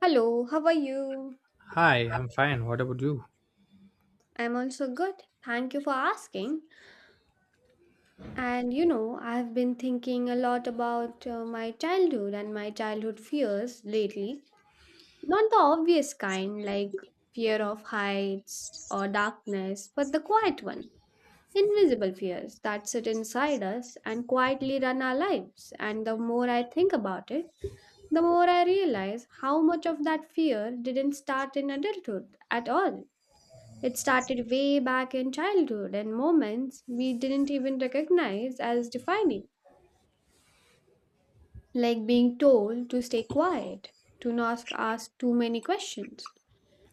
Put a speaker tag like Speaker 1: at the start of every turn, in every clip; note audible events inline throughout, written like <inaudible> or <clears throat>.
Speaker 1: Hello, how are you?
Speaker 2: Hi, I'm fine. What about you?
Speaker 1: I'm also good. Thank you for asking. And you know, I've been thinking a lot about my childhood and my childhood fears lately. Not the obvious kind, like fear of heights or darkness, but the quiet one. Invisible fears that sit inside us and quietly run our lives. And the more I think about it, the more I realize how much of that fear didn't start in adulthood at all. It started way back in childhood and moments we didn't even recognize as defining, like being told to stay quiet, to not ask too many questions,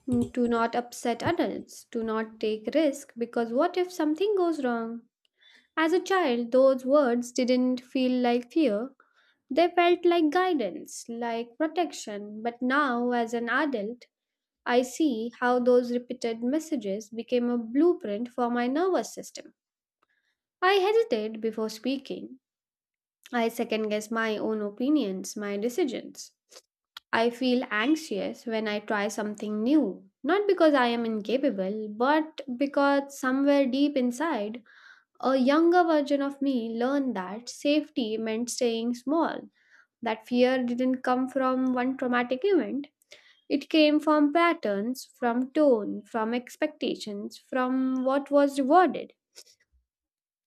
Speaker 1: to not upset adults, to not take risk because what if something goes wrong? As a child, those words didn't feel like fear. They felt like guidance, like protection. But now, as an adult, I see how those repeated messages became a blueprint for my nervous system. I hesitate before speaking. I second guess my own opinions, my decisions. I feel anxious when I try something new, not because I am incapable, but because somewhere deep inside, a younger version of me learned that safety meant staying small, that fear didn't come from one traumatic event. It came from patterns, from tone, from expectations, from what was rewarded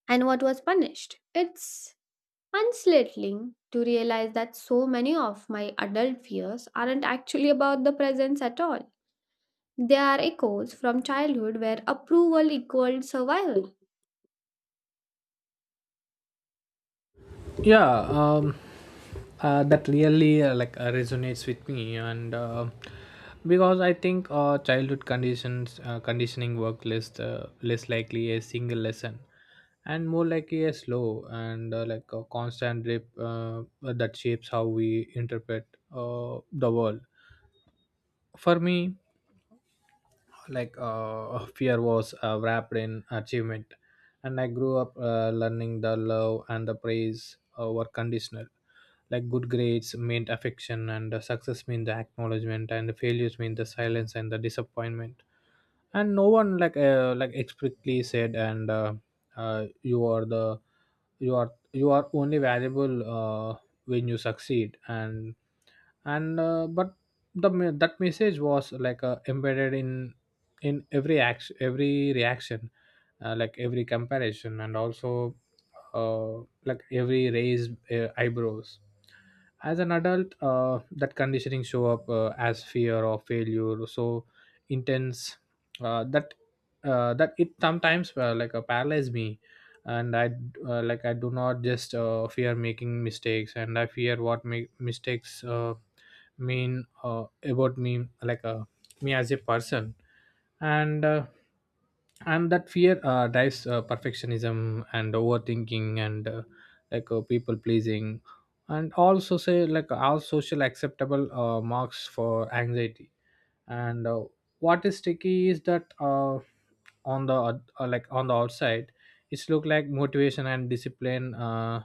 Speaker 1: and what was punished. It's unsettling to realize that so many of my adult fears aren't actually about the presence at all. They are echoes from childhood where approval equaled survival.
Speaker 2: Yeah, that really resonates with me, and because I think childhood conditions conditioning work less less likely a single lesson, and more likely a slow and like a constant drip that shapes how we interpret the world. For me, <laughs> fear was wrapped in achievement, and I grew up learning the love and the praise were conditional, like good grades meant affection, and success meant the acknowledgement, and the failures mean the silence and the disappointment. And no one explicitly said and uh, you are the you are only valuable when you succeed. And and uh, but that message was embedded in every action, every reaction, every comparison, and also every raised eyebrows. As an adult, that conditioning show up as fear or failure, so intense uh, that that it sometimes paralyzed me. And I I do not just fear making mistakes, and I fear what make mistakes mean about me, me as a person. And uh, and that fear drives perfectionism and overthinking and people pleasing, and also say like all social acceptable marks for anxiety. And What is sticky is that on the on the outside, it's look like motivation and discipline,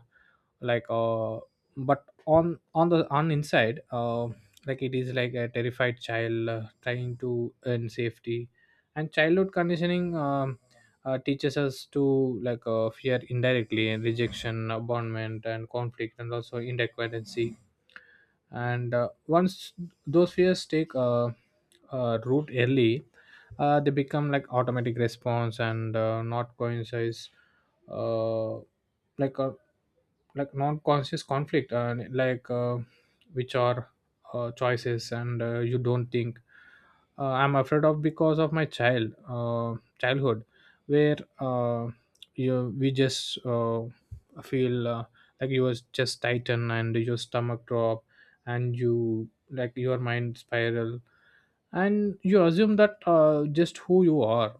Speaker 2: like uh, but on inside, it is like a terrified child trying to earn safety. And childhood conditioning teaches us to fear indirectly, and rejection, abandonment, and conflict, and also inadequacy. And once those fears take root early, they become like automatic response, and not coincides, uh, like uh, non-conscious conflict, which are choices, and you don't think I'm afraid of because of my childhood, where you we just feel you was just tighten and your stomach drop, and your mind spiral, and you assume that just who you are.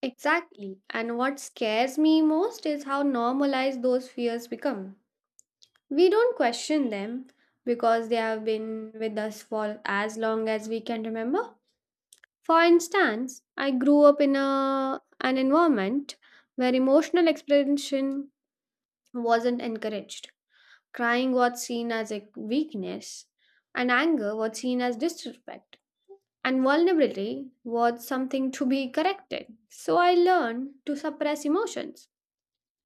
Speaker 1: Exactly. And what scares me most is how normalized those fears become. We don't question them because they have been with us for as long as we can remember. For instance, I grew up in a, an environment where emotional expression wasn't encouraged. Crying was seen as a weakness, and anger was seen as disrespect. And vulnerability was something to be corrected. So I learned to suppress emotions,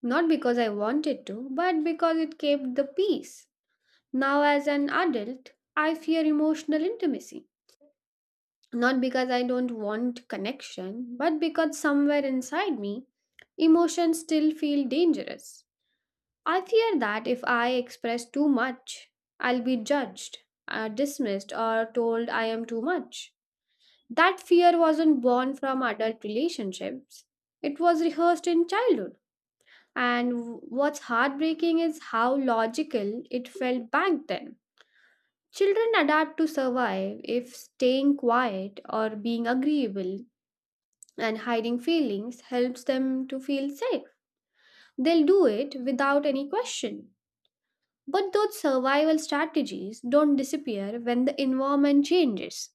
Speaker 1: not because I wanted to, but because it kept the peace. Now, as an adult, I fear emotional intimacy, not because I don't want connection, but because somewhere inside me, emotions still feel dangerous. I fear that if I express too much, I'll be judged, dismissed, or told I am too much. That fear wasn't born from adult relationships, it was rehearsed in childhood. And what's heartbreaking is how logical it felt back then. Children adapt to survive if staying quiet or being agreeable and hiding feelings helps them to feel safe. They'll do it without any question. But those survival strategies don't disappear when the environment changes.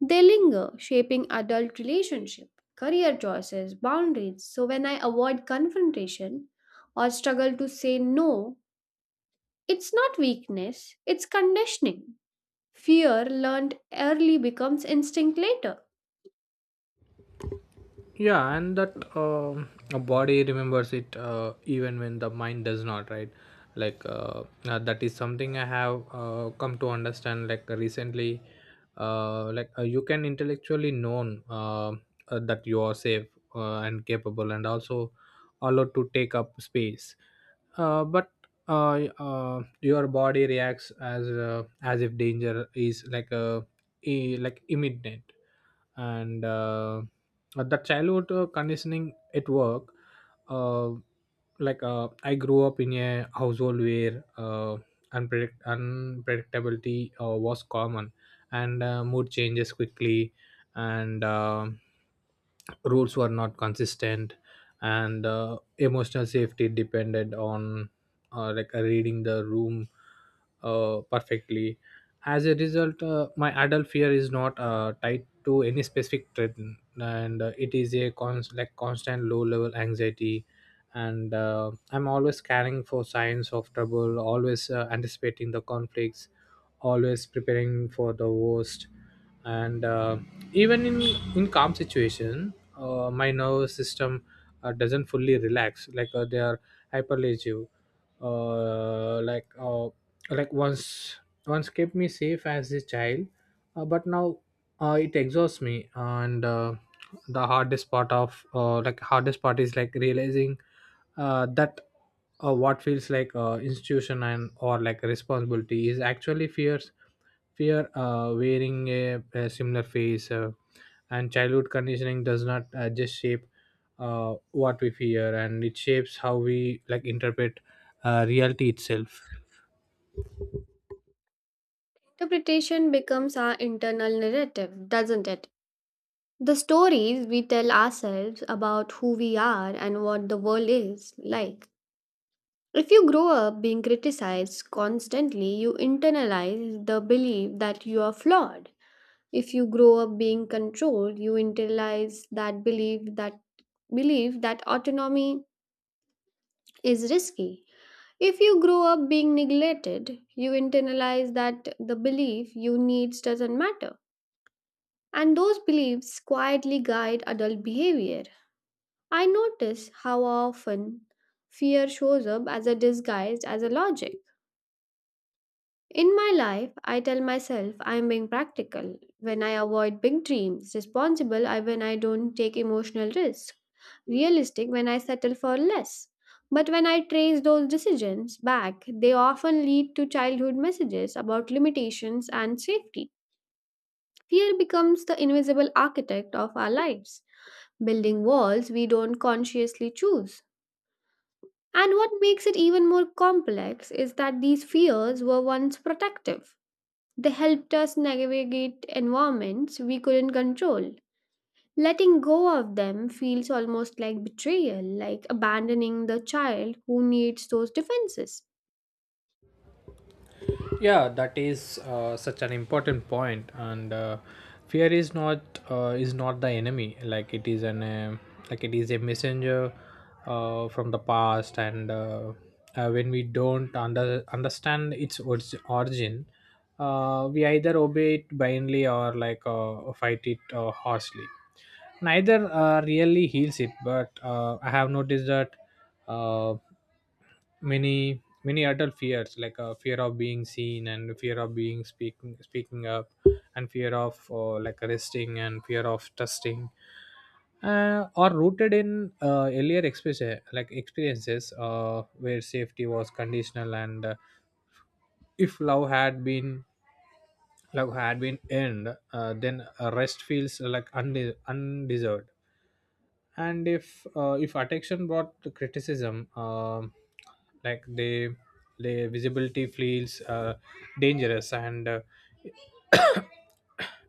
Speaker 1: They linger, shaping adult relationship, career choices, boundaries. So when I avoid confrontation or struggle to say no, it's not weakness, it's conditioning. Fear learned early becomes instinct later.
Speaker 2: Yeah, and that a body remembers it even when the mind does not, right? like uh, that is something I have come to understand like recently. You can intellectually known that you are safe and capable, and also allowed to take up space, but your body reacts as if danger is like a, imminent. And The childhood conditioning at work. uh, I grew up in a household where unpredictability was common, and mood changes quickly, and rules were not consistent, and emotional safety depended on reading the room perfectly. As a result, my adult fear is not tied to any specific threat, and it is a constant low level anxiety. And I'm always scanning for signs of trouble, always anticipating the conflicts, always preparing for the worst. And even in calm situation, my nervous system doesn't fully relax. They are hyperlative, uh, like uh, once once kept me safe as a child, but now it exhausts me. And the hardest part of hardest part is like realizing that what feels like institution and or like responsibility is actually fear wearing a similar face. And childhood conditioning does not just shape what we fear, and it shapes how we like interpret reality itself.
Speaker 1: Interpretation becomes our internal narrative, doesn't it? The stories we tell ourselves about who we are and what the world is like. If you grow up being criticized constantly, you internalize the belief that you are flawed. If you grow up being controlled, you internalize that belief that autonomy is risky. If you grow up being neglected, you internalize that the belief you needs doesn't matter. And those beliefs quietly guide adult behavior. I notice how often fear shows up as a disguise as a logic. In my life, I tell myself I am being practical when I avoid big dreams, responsible I when I don't take emotional risks, realistic when I settle for less. But when I trace those decisions back, they often lead to childhood messages about limitations and safety. Fear becomes the invisible architect of our lives, building walls we don't consciously choose. And what makes it even more complex is that these fears were once protective. They helped us navigate environments we couldn't control. Letting go of them feels almost like betrayal, like abandoning the child who needs those defenses.
Speaker 2: Yeah, that is such an important point. And Fear is not, is not the enemy. It is an, it is a messenger from the past. And When we don't understand its origin, we either obey it blindly or fight it harshly. Neither really heals it, but I have noticed that uh, many adult fears, fear of being seen, and fear of being speaking up, and fear of resting, and fear of trusting are rooted in earlier experiences, like experiences where safety was conditional. And if love had been earned, then rest feels like undeserved. And if attention brought criticism, like they the visibility feels dangerous. And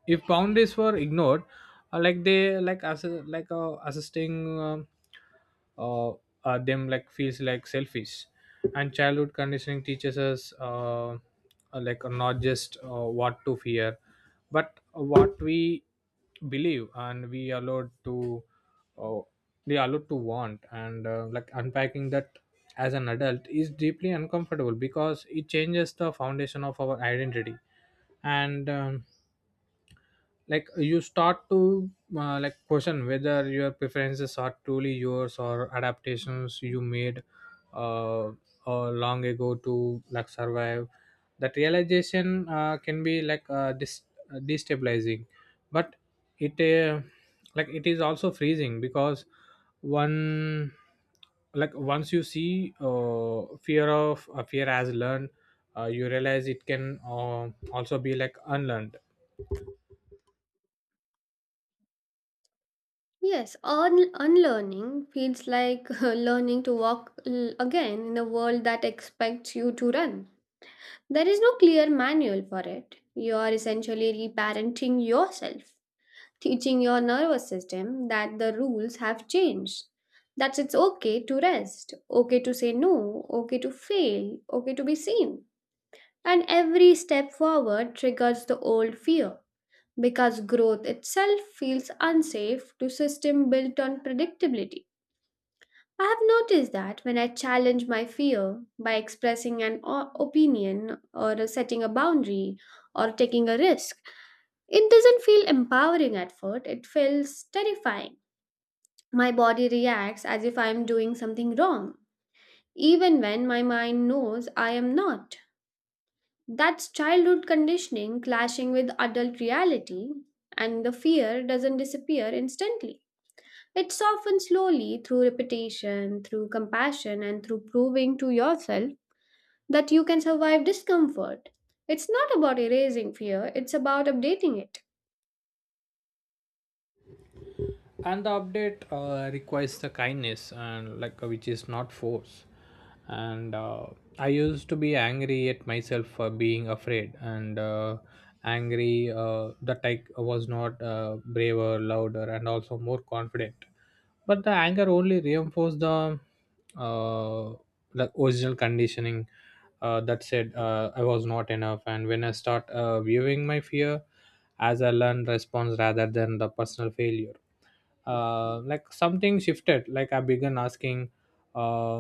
Speaker 2: if boundaries were ignored, like they like as like assisting uh, them like feels like selfish. And childhood conditioning teaches us not just what to fear, but what we believe and we allowed to, uh, we allowed to want. And like unpacking that as an adult is deeply uncomfortable, because it changes the foundation of our identity. And like you start to like question whether your preferences are truly yours, or adaptations you made uh, long ago to like survive. That realization can be like destabilizing, but it it is also freezing, because one like once you see fear as learned, you realize it can also be like unlearned.
Speaker 1: Yes, unlearning feels like <laughs> learning to walk again in a world that expects you to run. There is no clear manual for it. You are essentially reparenting yourself, teaching your nervous system that the rules have changed. That it's okay to rest, okay to say no, okay to fail, okay to be seen. And every step forward triggers the old fear because growth itself feels unsafe to system built on predictability. I have noticed that when I challenge my fear by expressing an opinion or setting a boundary or taking a risk, it doesn't feel empowering at first, it feels terrifying. My body reacts as if I am doing something wrong, even when my mind knows I am not. That's childhood conditioning clashing with adult reality, and the fear doesn't disappear instantly. It softens slowly through repetition, through compassion, and through proving to yourself that you can survive discomfort. It's not about erasing fear, it's about updating it.
Speaker 2: And the update requires the kindness, and like which is not force. And I used to be angry at myself for being afraid, and angry that I was not braver, louder, and also more confident, but the anger only reinforced the uh, original conditioning that said I was not enough. And when I start viewing my fear as a learned response rather than the personal failure, something shifted. Like I began asking uh,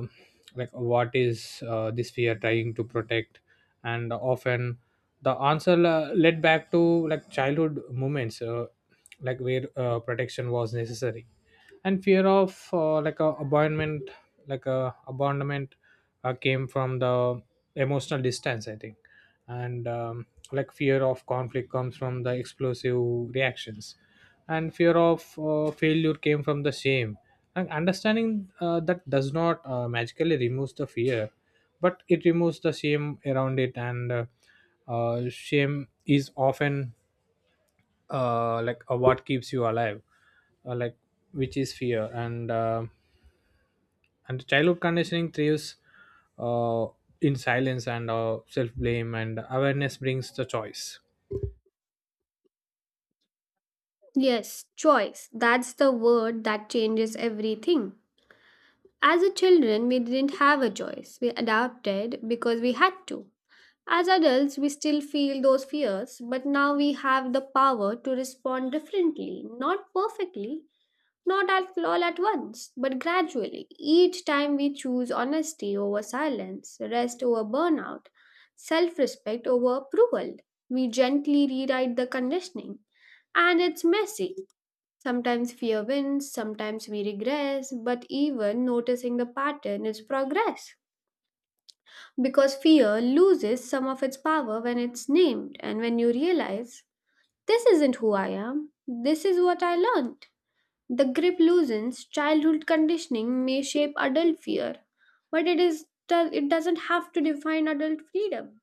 Speaker 2: what is this fear trying to protect? And often the answer led back to like childhood moments, where protection was necessary. And fear of a abandonment, like a abandonment came from the emotional distance, I think. And like fear of conflict comes from the explosive reactions, and fear of failure came from the shame. And understanding that does not magically removes the fear, but it removes the shame around it. And Shame is often what keeps you alive, uh, like which is fear. And and childhood conditioning thrives uh, in silence and self blame, and awareness brings the choice.
Speaker 1: Yes, choice. That's the word that changes everything. As a children, we didn't have a choice. We adapted because we had to. As adults, we still feel those fears, but now we have the power to respond differently, not perfectly, not at all at once, but gradually. Each time we choose honesty over silence, rest over burnout, self respect over approval, we gently rewrite the conditioning. And it's messy. Sometimes fear wins, sometimes we regress, but even noticing the pattern is progress. Because fear loses some of its power when it's named, and when you realize, this isn't who I am, this is what I learned. The grip loosens, childhood conditioning may shape adult fear, but it doesn't have to define adult freedom.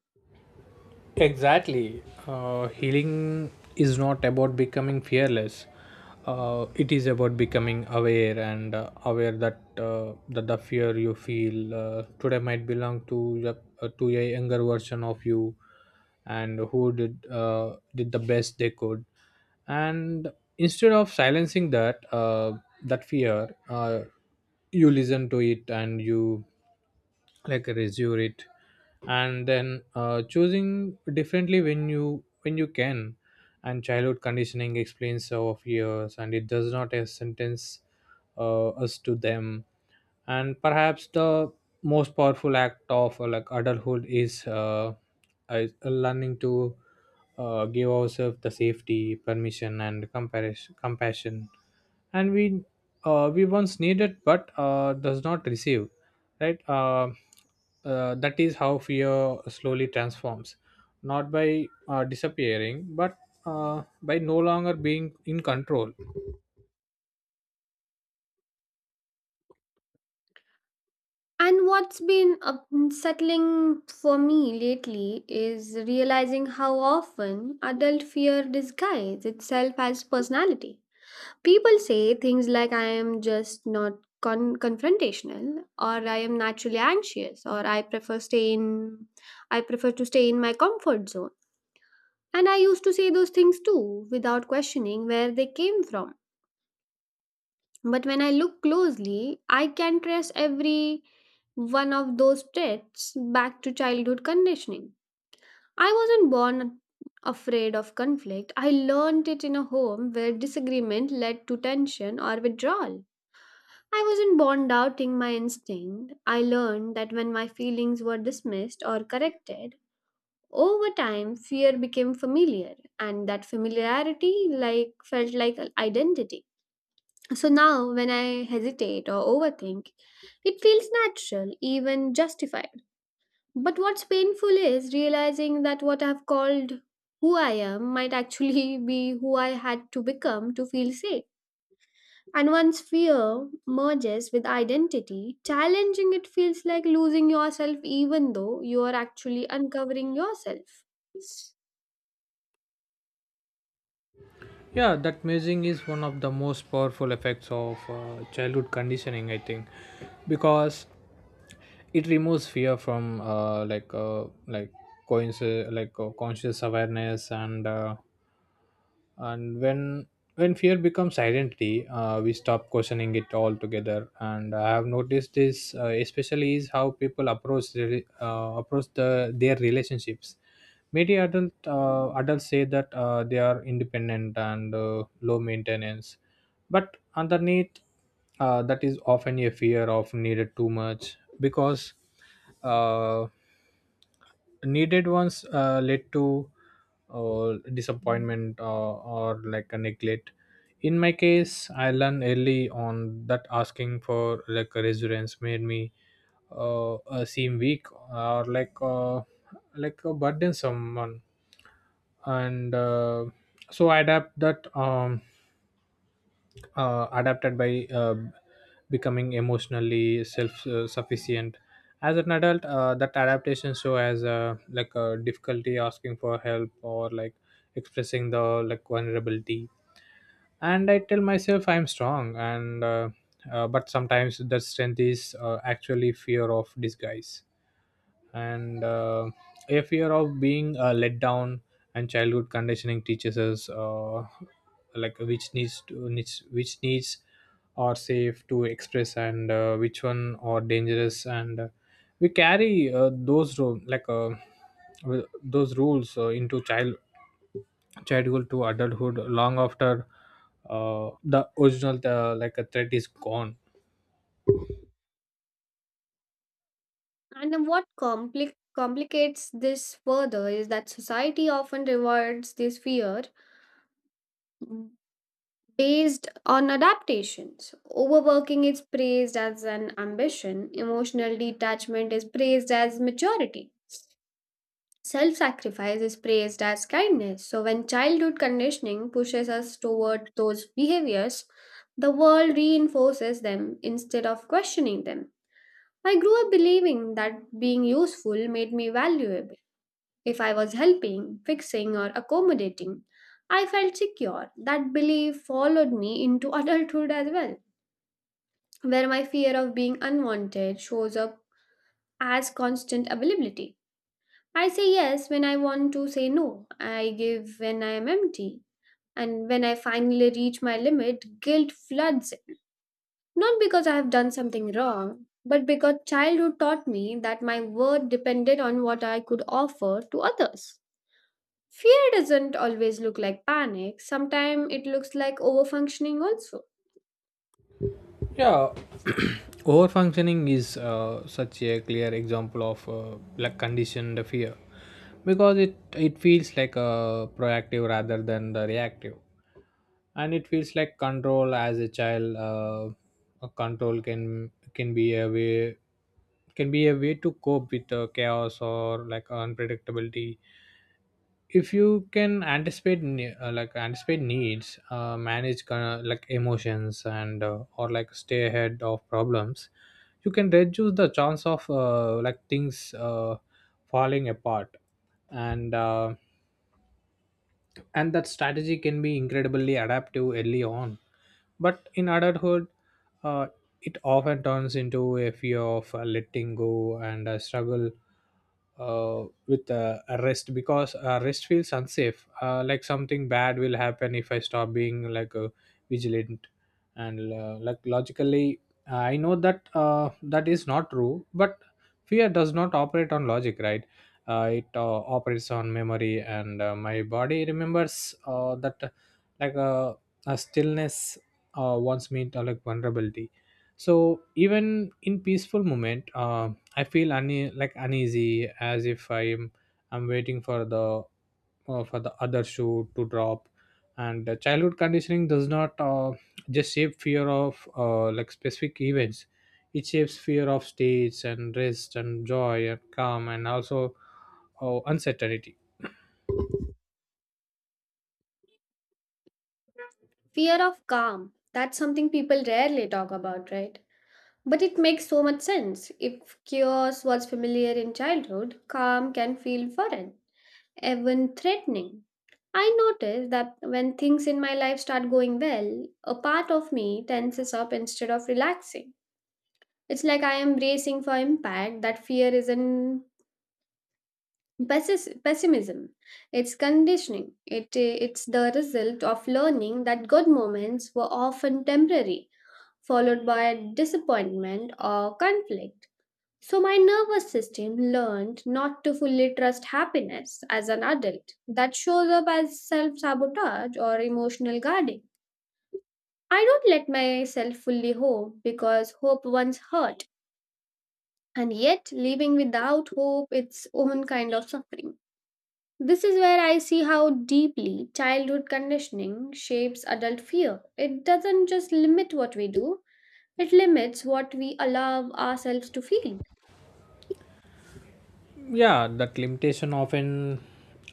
Speaker 2: Exactly. Healing is not about becoming fearless. It is about becoming aware, and aware that that the fear you feel today might belong to your, to a younger version of you, and who did the best they could. And instead of silencing that fear, you listen to it, and you like resume it, and then choosing differently when you can. And childhood conditioning explains our fears, and it does not sentence us to them. And perhaps the most powerful act of adulthood is, learning to give ourselves the safety, permission, and compassion and we once needed but does not receive, right? That is how fear slowly transforms, not by disappearing, but by no longer being in control.
Speaker 1: And what's been unsettling for me lately is realizing how often adult fear disguises itself as personality. People say things like, I am just not confrontational, or I am naturally anxious, or I prefer to stay in my comfort zone. And I used to say those things too, without questioning where they came from. But when I look closely, I can trace every one of those traits back to childhood conditioning. I wasn't born afraid of conflict. I learned it in a home where disagreement led to tension or withdrawal. I wasn't born doubting my instinct. I learned that when my feelings were dismissed or corrected, over time fear became familiar and that familiarity like felt like identity. So now, when I hesitate or overthink, it feels natural, even justified. But what's painful is realizing that what I've called who I am might actually <laughs> be who I had to become to feel safe. And once fear merges with identity, challenging it feels like losing yourself, even though you are actually uncovering yourself.
Speaker 2: Yeah, that mazing is one of the most powerful effects of childhood conditioning, I think, because it removes fear from conscious awareness. And when fear becomes identity, we stop questioning it altogether. And I have noticed this especially is how people approach approach the their relationships. Many adult, adults say that they are independent and low maintenance, but underneath that is often a fear of needed too much, because uh, needed ones led to disappointment, or like a neglect. In my case, I learned early on that asking for like a resurgence made me seem weak, or like a burden someone. And So I adapt that, adapted by becoming emotionally self-sufficient. As an adult, that adaptation show as a difficulty asking for help, or like expressing the like vulnerability. And I tell myself I'm strong, and but sometimes that strength is actually fear of disguise and a fear of being let down. And childhood conditioning teaches us like which needs are safe to express, and which one are dangerous, and we carry those ru- like wi- those rules into childhood to adulthood, long after the original like a threat is gone.
Speaker 1: And then what complicates this further is that society often rewards this fear based on adaptations. Overworking is praised as an ambition, emotional detachment is praised as maturity. Self sacrifice is praised as kindness. So, when childhood conditioning pushes us toward those behaviors, the world reinforces them instead of questioning them. I grew up believing that being useful made me valuable. If I was helping, fixing, or accommodating, I felt secure. That belief followed me into adulthood as well, where my fear of being unwanted shows up as constant availability. I say yes when I want to say no. I give when I am empty. And when I finally reach my limit, guilt floods in. Not because I have done something wrong, but because childhood taught me that my worth depended on what I could offer to others. Fear doesn't always look like panic, sometimes it looks like overfunctioning also.
Speaker 2: Yeah. Overfunctioning is such a clear example of like conditioned fear, because it feels like a proactive rather than the reactive, and it feels like control. As a child, a control can be a way can be a way to cope with chaos or like unpredictability. If you can anticipate ne- like anticipate needs, manage kind of like emotions, and or like stay ahead of problems, you can reduce the chance of like things falling apart. And uh, and that strategy can be incredibly adaptive early on, but in adulthood uh, it often turns into a fear of letting go, and a struggle with rest, because rest feels unsafe, like something bad will happen if I stop being like vigilant. And like logically I know that that is not true, but fear does not operate on logic, right? It operates on memory, and my body remembers that, like uh, a stillness wants me to like vulnerability. So even in peaceful moment, I feel uneasy, as if I'm waiting for the other shoe to drop. And the childhood conditioning does not just shape fear of like specific events. It shapes fear of stage and rest and joy and calm, and also uncertainty.
Speaker 1: Fear of calm. That's something people rarely talk about, right? But it makes so much sense. If chaos was familiar in childhood, calm can feel foreign, even threatening. I notice that when things in my life start going well, a part of me tenses up instead of relaxing. It's like I am bracing for impact. That fear isn't pessimism. It's conditioning. It's the result of learning that good moments were often temporary, followed by disappointment or conflict. So, my nervous system learned not to fully trust happiness as an adult. That shows up as self sabotage or emotional guarding. I don't let myself fully hope because hope once hurt, and yet living without hope its own kind of suffering. This is where I see how deeply childhood conditioning shapes adult fear. It doesn't just limit what we do, it limits what we allow ourselves to feel.
Speaker 2: Yeah, that limitation often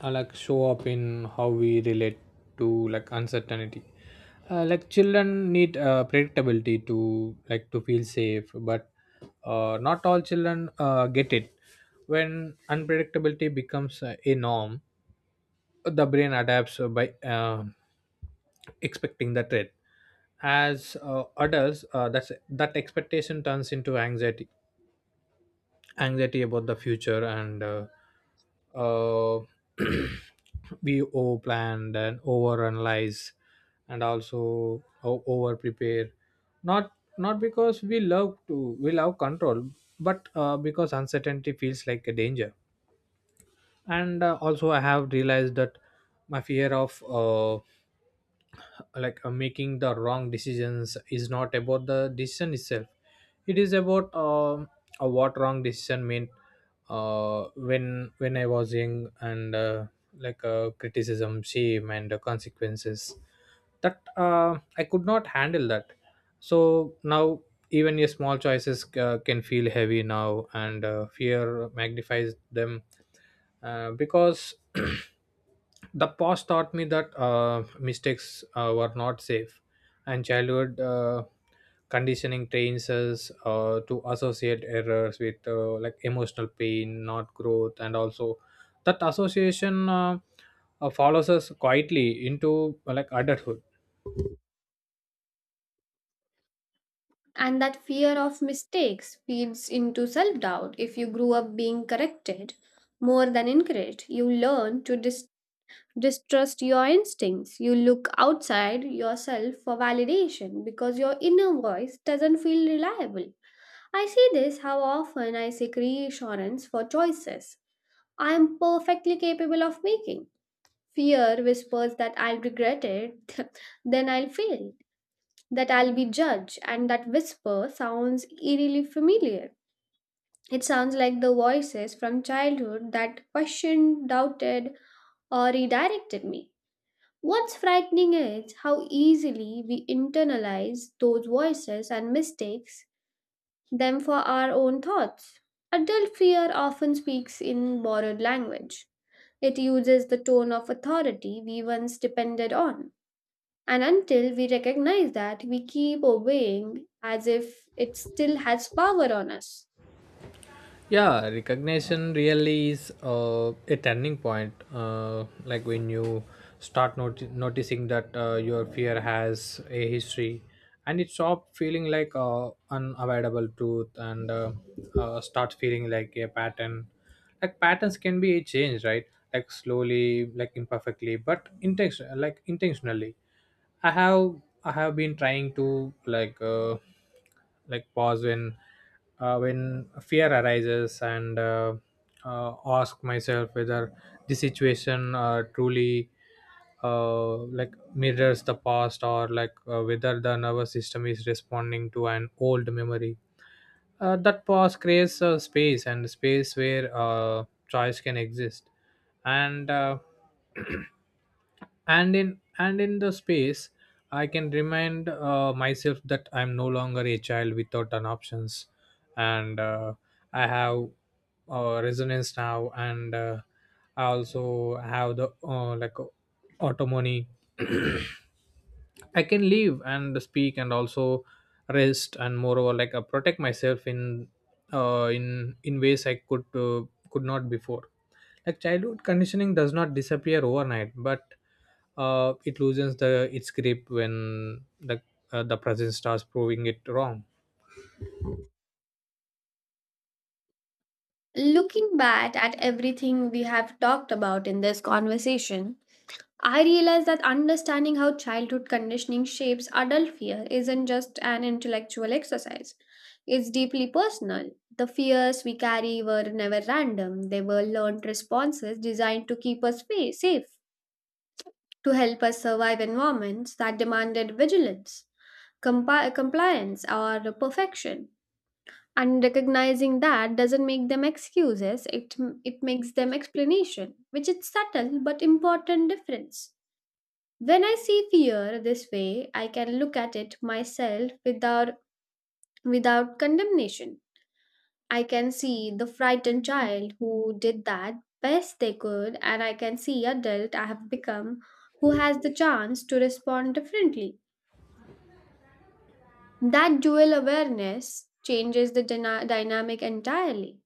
Speaker 2: like show up in how we relate to like uncertainty. Like children need predictability to like to feel safe, but not all children get it. When unpredictability becomes a norm, the brain adapts by expecting the threat. As adults, that's that expectation turns into anxiety, anxiety about the future. And uh, <clears throat> we over planned and over analyze, and also over prepare. Not not because we love control, but because uncertainty feels like a danger. And also I have realized that my fear of making the wrong decisions is not about the decision itself. It is about what wrong decision meant when I was young, and criticism, shame, and the consequences that I could not handle that. So now, even your small choices can feel heavy now, and fear magnifies them, because <clears throat> the past taught me that mistakes were not safe. And childhood conditioning trains us to associate errors with like emotional pain, not growth. And also that association follows us quietly into like adulthood.
Speaker 1: And that fear of mistakes feeds into self doubt. If you grew up being corrected more than encouraged, you learn to distrust your instincts. You look outside yourself for validation because your inner voice doesn't feel reliable. I see this how often I seek reassurance for choices I am perfectly capable of making. Fear whispers that I'll regret it, <laughs> then I'll fail, that I'll be judged, and that whisper sounds eerily familiar. It sounds like the voices from childhood that questioned, doubted, or redirected me. What's frightening is how easily we internalize those voices and mistakes them for our own thoughts. Adult fear often speaks in borrowed language. It uses the tone of authority we once depended on, and until we recognize that, we keep obeying as if it still has power on us.
Speaker 2: Yeah, recognition really is a turning point, like when you start noticing that your fear has a history, and it stop feeling like unavoidable truth, and start feeling like a pattern. Like patterns can be changed, right? Like slowly, like imperfectly, but intentionally. I have been trying to like pause when fear arises, and ask myself whether the situation truly like mirrors the past, or whether the nervous system is responding to an old memory. That pause creates a space, and space where choice can exist. And uh, and in and in the space I can remind myself that I'm no longer a child without an options, and I have resonance now, and I also have the autonomy. <clears throat> I can live and speak, and also rest, and moreover like protect myself in ways I could not before. Like childhood conditioning does not disappear overnight, but it loosens the its grip when the present starts proving it wrong.
Speaker 1: Looking back at everything we have talked about in this conversation, I realize that understanding how childhood conditioning shapes adult fear isn't just an intellectual exercise. It's deeply personal. The fears we carry were never random, they were learned responses designed to keep us safe, to help us survive environments that demanded vigilance, compliance, or perfection. And recognizing that doesn't make them excuses, it makes them explanation, which is subtle but important difference. When I see fear this way, I can look at it myself without condemnation. I can see the frightened child who did that best they could, and I can see adult I have become who has the chance to respond differently. That dual awareness changes the dynamic entirely.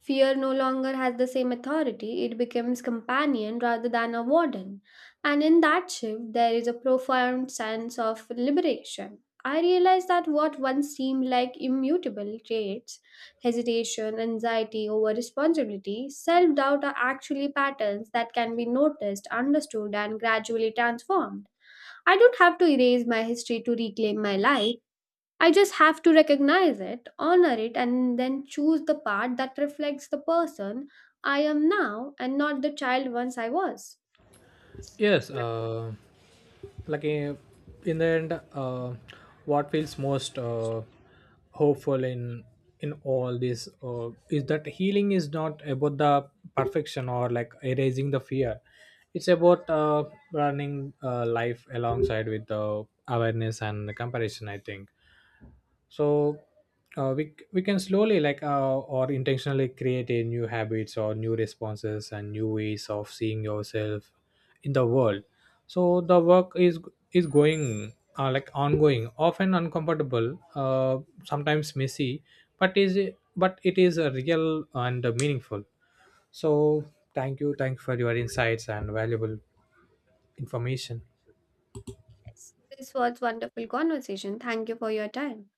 Speaker 1: Fear no longer has the same authority, it becomes companion rather than a warden. And in that shift, there is a profound sense of liberation. I realized that what once seemed like immutable traits, hesitation, anxiety over responsibility, self doubt are actually patterns that can be noticed, understood, and gradually transformed. I don't have to erase my history to reclaim my life. I just have to recognize it, honor it, and then choose the part that reflects the person I am now and not the child once I was.
Speaker 2: Yes. Like in the end, what feels most hopeful in all this is that healing is not about the perfection or like erasing the fear. It's about running life alongside with the awareness and the comparison, I think. So we can slowly, like or intentionally, create a new habits or new responses and new ways of seeing yourself in the world. So the work is going, like ongoing, often uncomfortable, sometimes messy, but is but it is a real and meaningful. So thank you for your insights and valuable information.
Speaker 1: Yes. This was wonderful conversation. Thank you for your time.